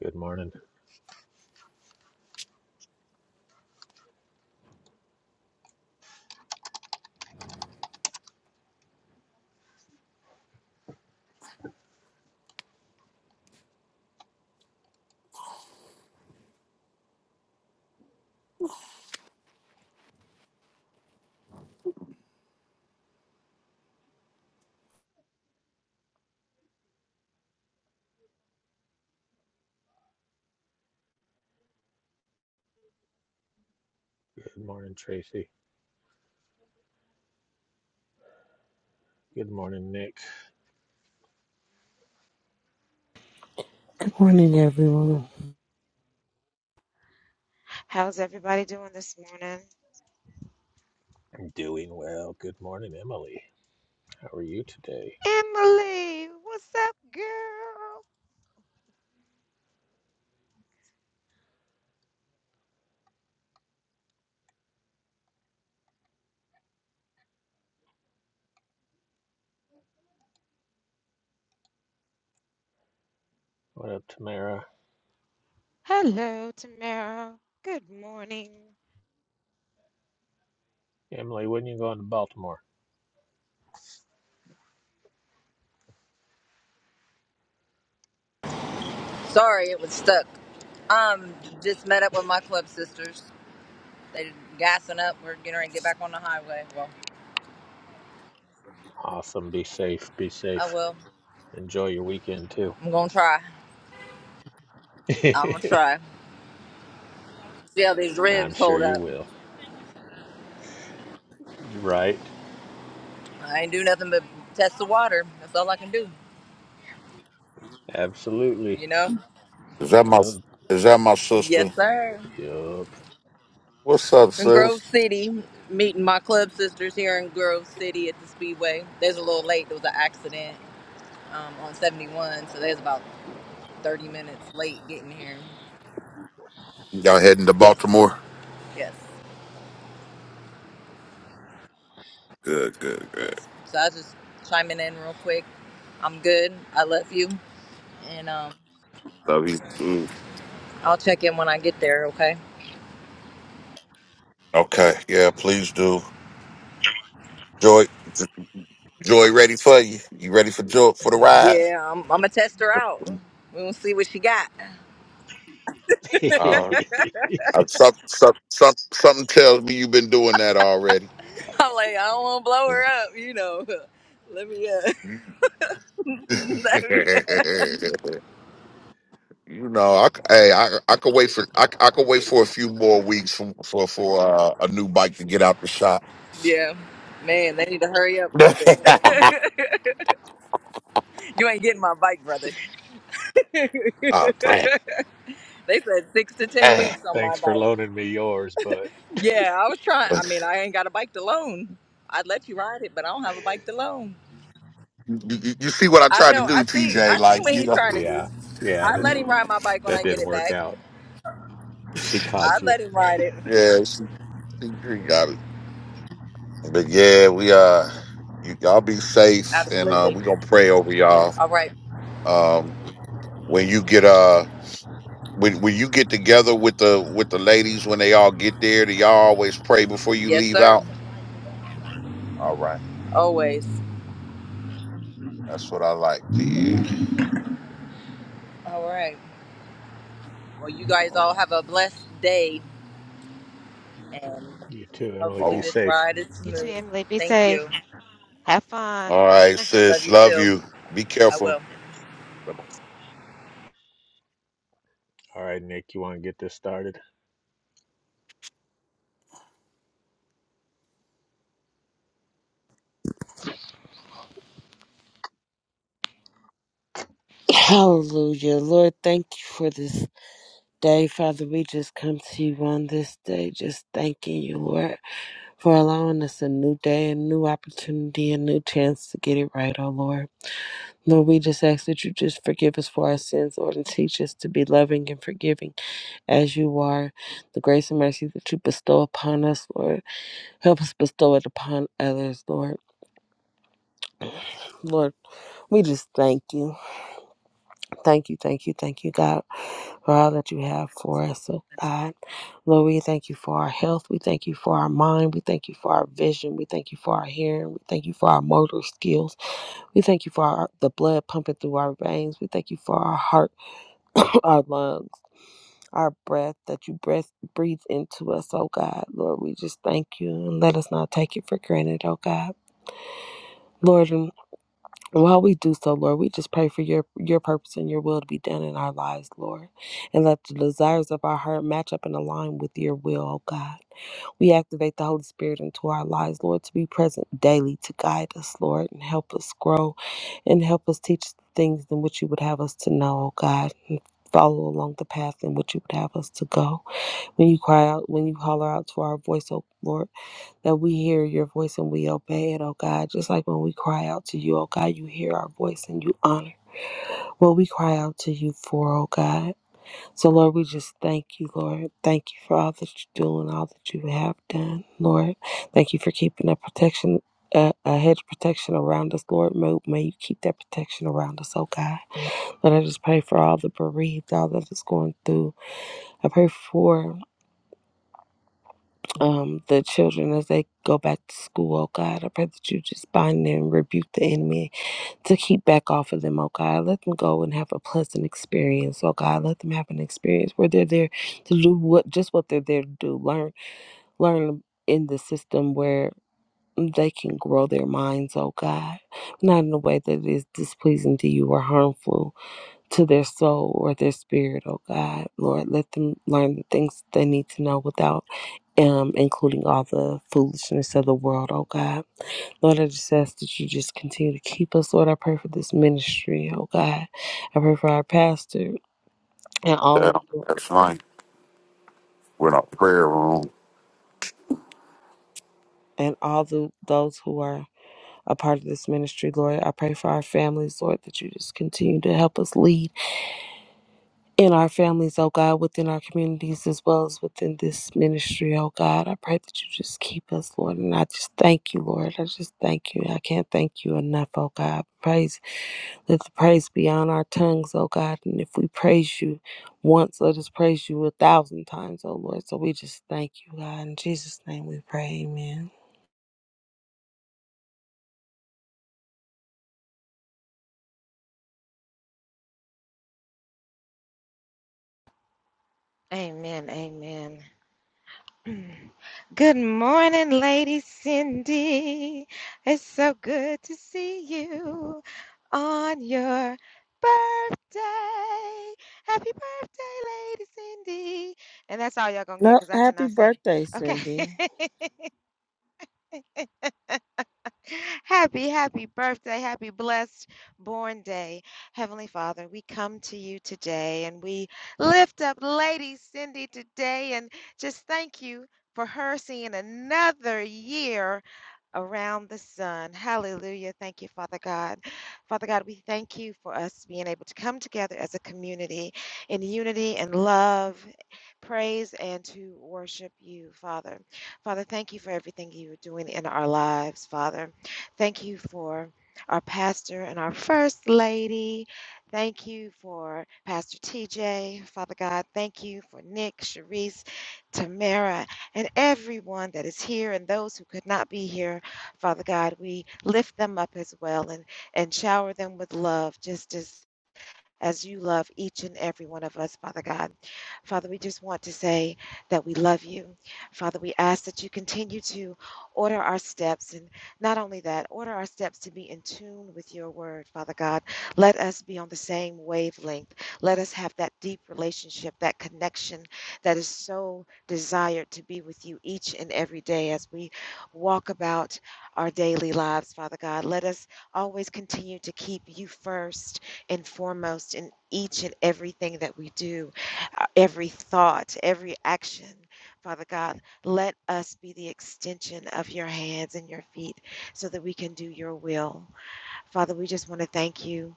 Good morning. Good morning, Tracy. Good morning, Nick. Morning, everyone. How's everybody doing this morning? Doing well. Good morning, Emily. How are you today? Emily, what's up, girl? What up, Tamara? Hello, Tamara. Good morning. Emily, when you going to Baltimore? Sorry, it was stuck. Um, just met up with my club sisters. They gassing up. We're getting ready to get back on the highway. Well, Awesome. Be safe. Be I safe. will. Enjoy your weekend too. I'm gonna try. I'm gonna try. See how these I'm ribs sure hold you up. will. Right. I ain't do nothing but test the water. That's all I can do. Absolutely. You know? Is that And my uh, is that my Yes, sister? sir. yup. What's up, In Grove sis? City, meeting my club sisters here in Grove City at the Speedway. They was a little late. There was an accident um, on 71, so they was about 30 minutes late getting here. Y'all heading to Yes, Baltimore? yes. Good, good, good. Yes. So I was just chiming in real quick. I'm good. I love you. And um, Love you. too. I'll check in when I get there, okay? Okay, yeah, please do. Joy, Joy, ready for you? You ready for Joy for the ride? Yeah, I'm, I'm going to test her out. We're going to see what she got. Uh, Th- I, some, some, some, something tells me you've been doing that already. I'm like, I don't want to blow you her up, you know. Let me, uh, let me, uh. know, I, c- hey, I, I could wait for, I, c- I could wait for a few more weeks for, for, for uh, a new bike to get out the shop. yeah. Man, they need to hurry up with it. you ain't getting my bike, brother. they oh, said six to 10 damn. weeks on my thanks for bike. loaning me yours, but Yeah, I was trying. You, I mean, I ain't got a bike to loan. I'd let you ride it, but I don't have a bike to loan. you you see what I I tried to know. I do, see. TJ? I see Like what you he's know, trying to do. yeah, yeah, I that, let him ride my bike when that I get didn't it work back. out. She I caught you. let him ride it. yeah, she, she she got it. But yeah, we uh, you, y'all be safe, and uh, Absolutely. we gonna pray over y'all. All right. Um, when you get uh, when when you get together with the with the ladies, when they all get there, do y'all always pray before you Yes, leave sir. out? All right, Always. that's what I like. Yeah. All right. Well, you guys Oh, all have a blessed day, and You too, Emily. hopefully Be oh. this safe. ride is You too, smooth. Emily. Be Thank you. safe. Have fun. all right, Love sis. you Love too. you. Be I will. careful. All right, Nick, you want to get this started? Hallelujah. Lord, thank you for this day. Father, we just come to you on this day, just thanking you, Lord, for allowing us a new day, a new opportunity, a new chance to get it right, oh Lord. Lord, we just ask that you just forgive us for our sins, Lord, and teach us to be loving and forgiving as you are. The grace and mercy that you bestow upon us, Lord, help us bestow it upon others, Lord. Lord, we just thank you. Thank you, thank you, thank you, God, for all that you have for us, oh God. Lord, we thank you for our health. We thank you for our mind. We thank you for our vision. We thank you for our hearing. We thank you for our motor skills. We thank you for our, the blood pumping through our veins. We thank you for our heart, our lungs, our breath that you breath, breathe into us, oh God. Lord, we just thank you and let us not take it for granted, oh God. Lord, While we do so, Lord, we just pray for your your purpose and your will to be done in our lives, Lord, and let the desires of our heart match up and align with your will, oh God. We activate the Holy Spirit into our lives, Lord, to be present daily to guide us, Lord, and help us grow and help us teach the things in which you would have us to know, oh God. Follow along the path in which you would have us to go. When you cry out, when you holler out to our voice, oh Lord that we hear your voice and we obey it, oh God. Just like when we cry out to you, oh God, you hear our voice and you honor what we cry out to you for, oh God. So, Lord, we just thank you, Lord. Thank you for all that you do and all that you have done, Lord. Thank you for keeping a protection. A, a hedge of protection around us, Lord. May, may you keep that protection around us, oh God. Lord, I just pray for all the bereaved, all that is going through. I pray for um, the children as they go back to school, oh God. I pray that you just bind them and rebuke the enemy to keep back off of them, oh God. Let them go and have a pleasant experience, oh God. Let them have an experience where they're there to do what just what they're there to do. Learn learn in the system where they can grow their minds, oh God. Not in a way that is displeasing to you or harmful to their soul or their spirit, oh God. Lord, let them learn the things they need to know without um, including all the foolishness of the world, oh God. Lord, I just ask that you just continue to keep us, Lord. I pray for this ministry, oh God. I pray for our pastor and all That's of fine. We're in a prayer room. and all the, those who are a part of this ministry, Lord. I pray for our families, Lord, that you just continue to help us lead in our families, oh God, within our communities as well as within this ministry, oh God. I pray that you just keep us, Lord. And I just thank you, Lord. I just thank you. I can't thank you enough, oh God. Praise, let the praise be on our tongues, oh God. And if we praise you once, let us praise you a thousand times, oh Lord. So we just thank you, God. In Jesus' name we pray, amen. Amen. Amen. Good morning, Lady Cindy. It's so good to see you on your birthday. Happy birthday, Lady Cindy. And that's all y'all gonna get No, because I happy cannot sing. birthday, Cindy. Okay. Happy, happy birthday, happy blessed born day. Heavenly Father, we come to you today and we lift up Lady Cindy today and just thank you for her seeing another year around the sun. Hallelujah. Thank you, Father God. Father God, we thank you for us being able to come together as a community in unity and love, praise, and to worship you, Father. Father, thank you for everything you're doing in our lives, Father. Thank you for our pastor and our first lady. Thank you for Pastor TJ, Father God. Thank you for Nick, Sharice, Tamara, and everyone that is here and those who could not be here Father God, we lift them up as well and, and shower them with love, just as as you love each and every one of us, Father God. Father, we just want to say that we love you. Father, we ask that you continue to order our steps, and not only that, order our steps to be in tune with your word, Father God. Let us be on the same wavelength. Let us have that deep relationship, that connection that is so desired to be with you each and every day as we walk about our daily lives, Father God. Let us always continue to keep you first and foremost in each and everything that we do, uh, every thought, every action. Father God, let us be the extension of your hands and your feet so that we can do your will. Father, we just want to thank you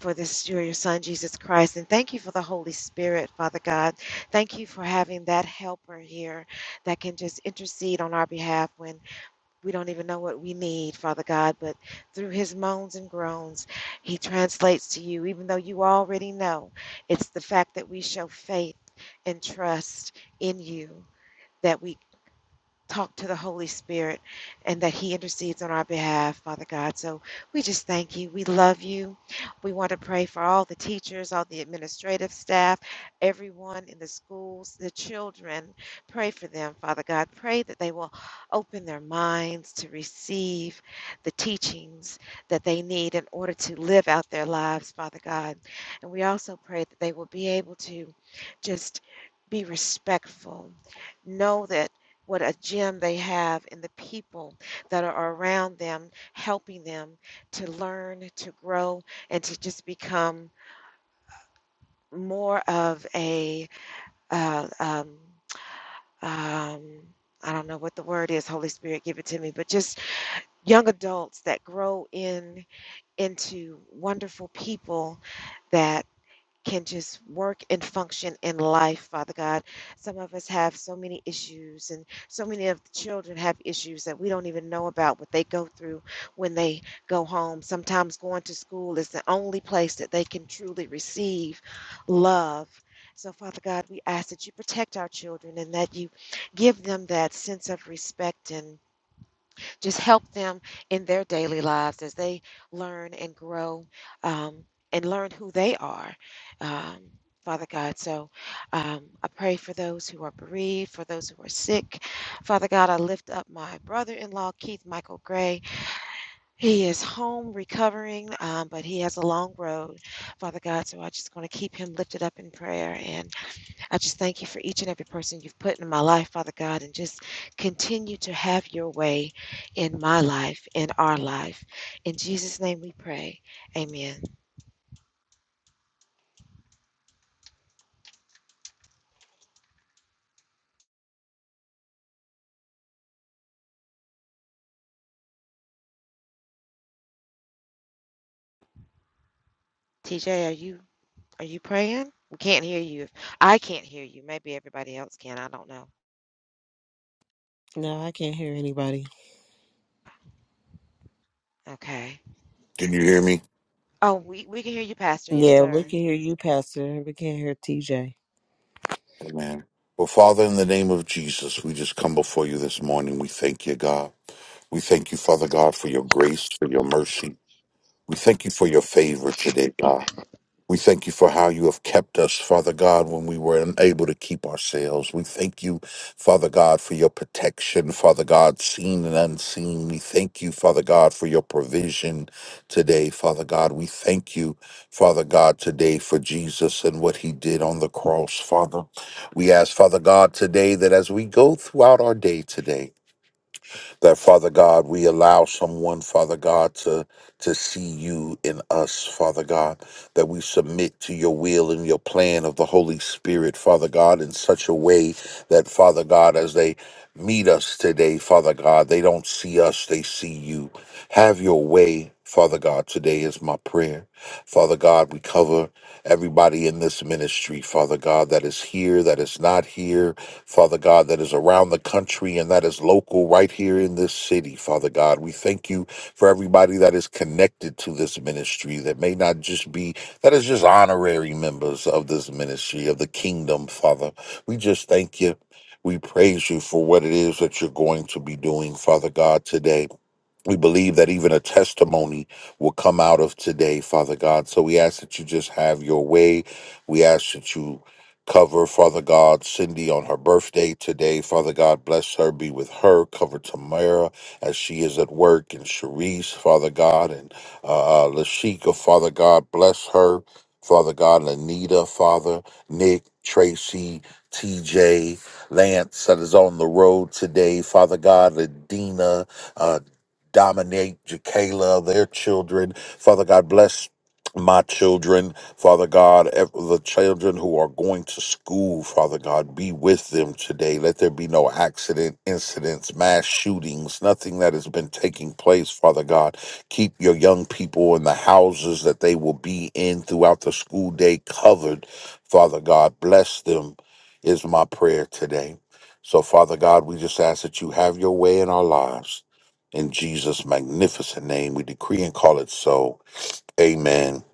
for this, your son, Jesus Christ, and thank you for the Holy Spirit, Father God. Thank you for having that helper here that can just intercede on our behalf when. We don't even know what we need, Father God, but through his moans and groans, he translates to you, even though you already know. It's the fact that we show faith and trust in you that we talk to the Holy Spirit and that He intercedes on our behalf, Father God. So we just thank you. We love you. We want to pray for all the teachers, all the administrative staff, everyone in the schools, the children. Pray for them, Father God. Pray that they will open their minds to receive the teachings that they need in order to live out their lives, Father God. And we also pray that they will be able to just be respectful. Know that what a gem they have in the people that are around them, helping them to learn, to grow, and to just become more of a, uh, um, um, I don't know what the word is, Holy Spirit, give it to me, but just young adults that grow in into wonderful people that. can just work and function in life, Father God. Some of us have so many issues, and so many of the children have issues that we don't even know about what they go through when they go home. Sometimes going to school is the only place that they can truly receive love. So, Father God, we ask that you protect our children and that you give them that sense of respect and just help them in their daily lives as they learn and grow um, and learn who they are, um, Father God. So um, I pray for those who are bereaved, for those who are sick. Father God, I lift up my brother in law, Keith Michael Gray. He is home recovering, um, but he has a long road, Father God. So I just want to keep him lifted up in prayer. and. I just thank you for each and every person you've put in my life, Father God, and just continue to have your way in my life, in our life. In Jesus' name we pray. Amen. TJ, are you are you praying? We can't hear you. I can't hear you. Maybe everybody else can. I don't know. No, I can't hear anybody. Okay. Can you hear me? Oh, we, we can hear you, Pastor. Yes, Yeah, we sir. can hear you, Pastor. We can't hear TJ. Amen. Well, Father, in the name of Jesus, we just come before you this morning. We thank you, God. We thank you, Father God, for your grace, for your mercy. We thank you for your favor today, God. We thank you for how you have kept us, Father God, when we were unable to keep ourselves. We thank you, Father God, for your protection, Father God, seen and unseen. We thank you, Father God, for your provision today, Father God. We thank you, Father God, today for Jesus and what he did on the cross, Father. We ask, Father God, today that as we go throughout our day today, that Father God, we allow someone, Father God, to to see you in us, Father God, that we submit to your will and your plan of the Holy Spirit, Father God, in such a way that Father God, as they meet us today, Father God, they don't see us, they see you. Have your way. Father God, today is my prayer. Father God, we cover everybody in this ministry, Father God, that is here, that is not here, Father God, that is around the country and that is local right here in this city, Father God. We thank you for everybody that is connected to this ministry that may not just be, that is just honorary members of this ministry, of the kingdom, Father. We just thank you. We praise you for what it is that you're going to be doing, Father God, today. We believe that even a testimony will come out of today, Father God. So we ask that you just have your way. We ask that you cover, Father God, Cindy on her birthday today. Father God, bless her, be with her. Cover Tamara as she is at work, and Sharice, Father God, and uh, uh, Lashika, Father God, bless her. Father God, Lanita, Father, Nick, Tracy, TJ, Lance that is on the road today. Father God, Ladina, uh, dominate Jacala, their children. Father God, bless my children, Father God, ev- the children who are going to school, Father God, be with them today. Let there be no accident, incidents, mass shootings, nothing that has been taking place, Father God. Keep your young people in the houses that they will be in throughout the school day covered, Father God. Bless them, is my prayer today. So, Father God, we just ask that you have your way in our lives. In Jesus' magnificent name, we decree and call it so. Amen,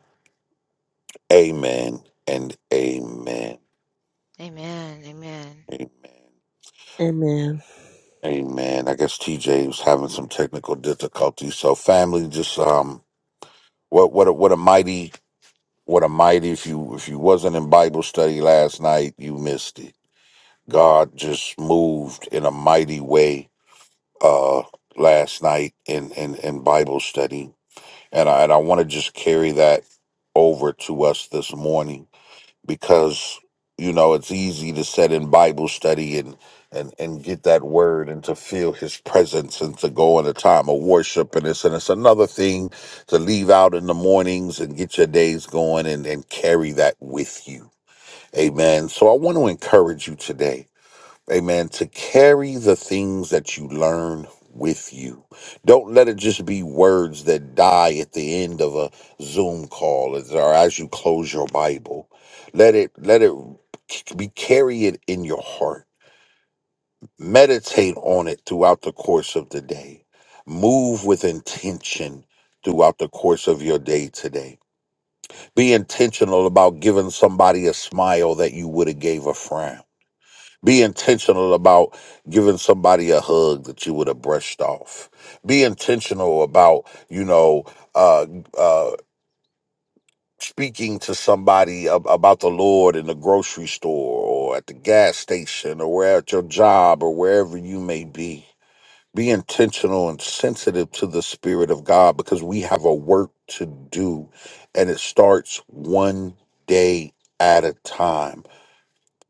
amen, and amen. Amen. Amen. Amen. Amen. Amen. I guess TJ was having some technical difficulties. So family, just um what what a what a mighty what a mighty if you if you wasn't in Bible study last night, you missed it. God just moved in a mighty way uh last night in in, in Bible study. And I and I want to just carry that over to us this morning because you know it's easy to set in bible study and and and get that word and to feel his presence and to go in a time of worship and it's and it's another thing to leave out in the mornings and get your days going and and carry that with you amen so i want to encourage you today Amen. To carry the things that you learn with you. Don't let it just be words that die at the end of a Zoom call as- or as you close your Bible. Let it let it be carry it in your heart. Meditate on it throughout the course of the day. Move with intention throughout the course of your day today. Be intentional about giving somebody a smile that you would have gave a frown be intentional about giving somebody a hug that you would have brushed off. Be intentional about, you know, uh, uh, speaking to somebody ab- about the Lord in the grocery store or at the gas station or where at your job or wherever you may be. Be intentional and sensitive to the Spirit of God because we have a work to do and it starts one day at a time.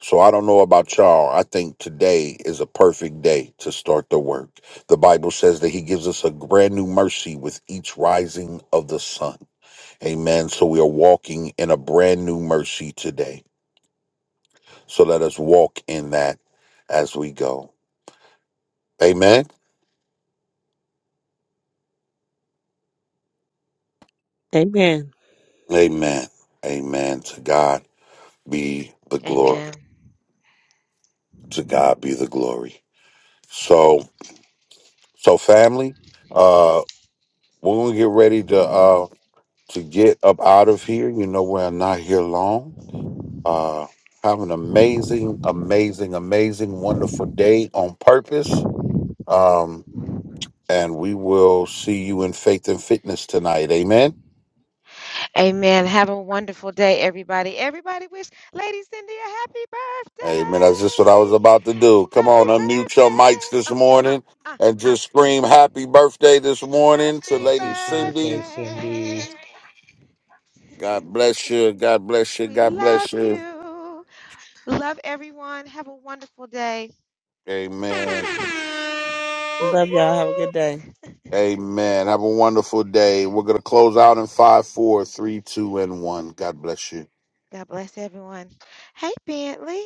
So I don't know about y'all. I think today is a perfect day to start the work. The Bible says that He gives us a brand new mercy with each rising of the sun. Amen. So we are walking in a brand new mercy today. So let us walk in that as we go. Amen. Amen. Amen. Amen. To God be the glory. Amen. To God be the glory. So, so family, uh, we're gonna get ready to. uh to get up out of here. You know, we're not here long. Uh, have an amazing, amazing, amazing, wonderful day on purpose. Um, and we will see you in faith and fitness tonight. Amen. Amen. Have a wonderful day, everybody. Everybody wish Lady Cindy a happy Amen. That's just what I was birthday. about to do. Come on, Happy unmute your mics birthday. this Uh, uh, morning uh, and uh. just scream happy birthday this morning to Happy Lady Happy birthday, Cindy. Cindy. birthday. God bless you. God bless you. We God bless love you. you. Love everyone. Have a wonderful day. Amen. Whoop, Love y'all. Have a good whoop. day. Amen. Have a wonderful day. We're going to close out in five, four, three, two, and one. God bless you. God bless everyone. Hey, Bentley.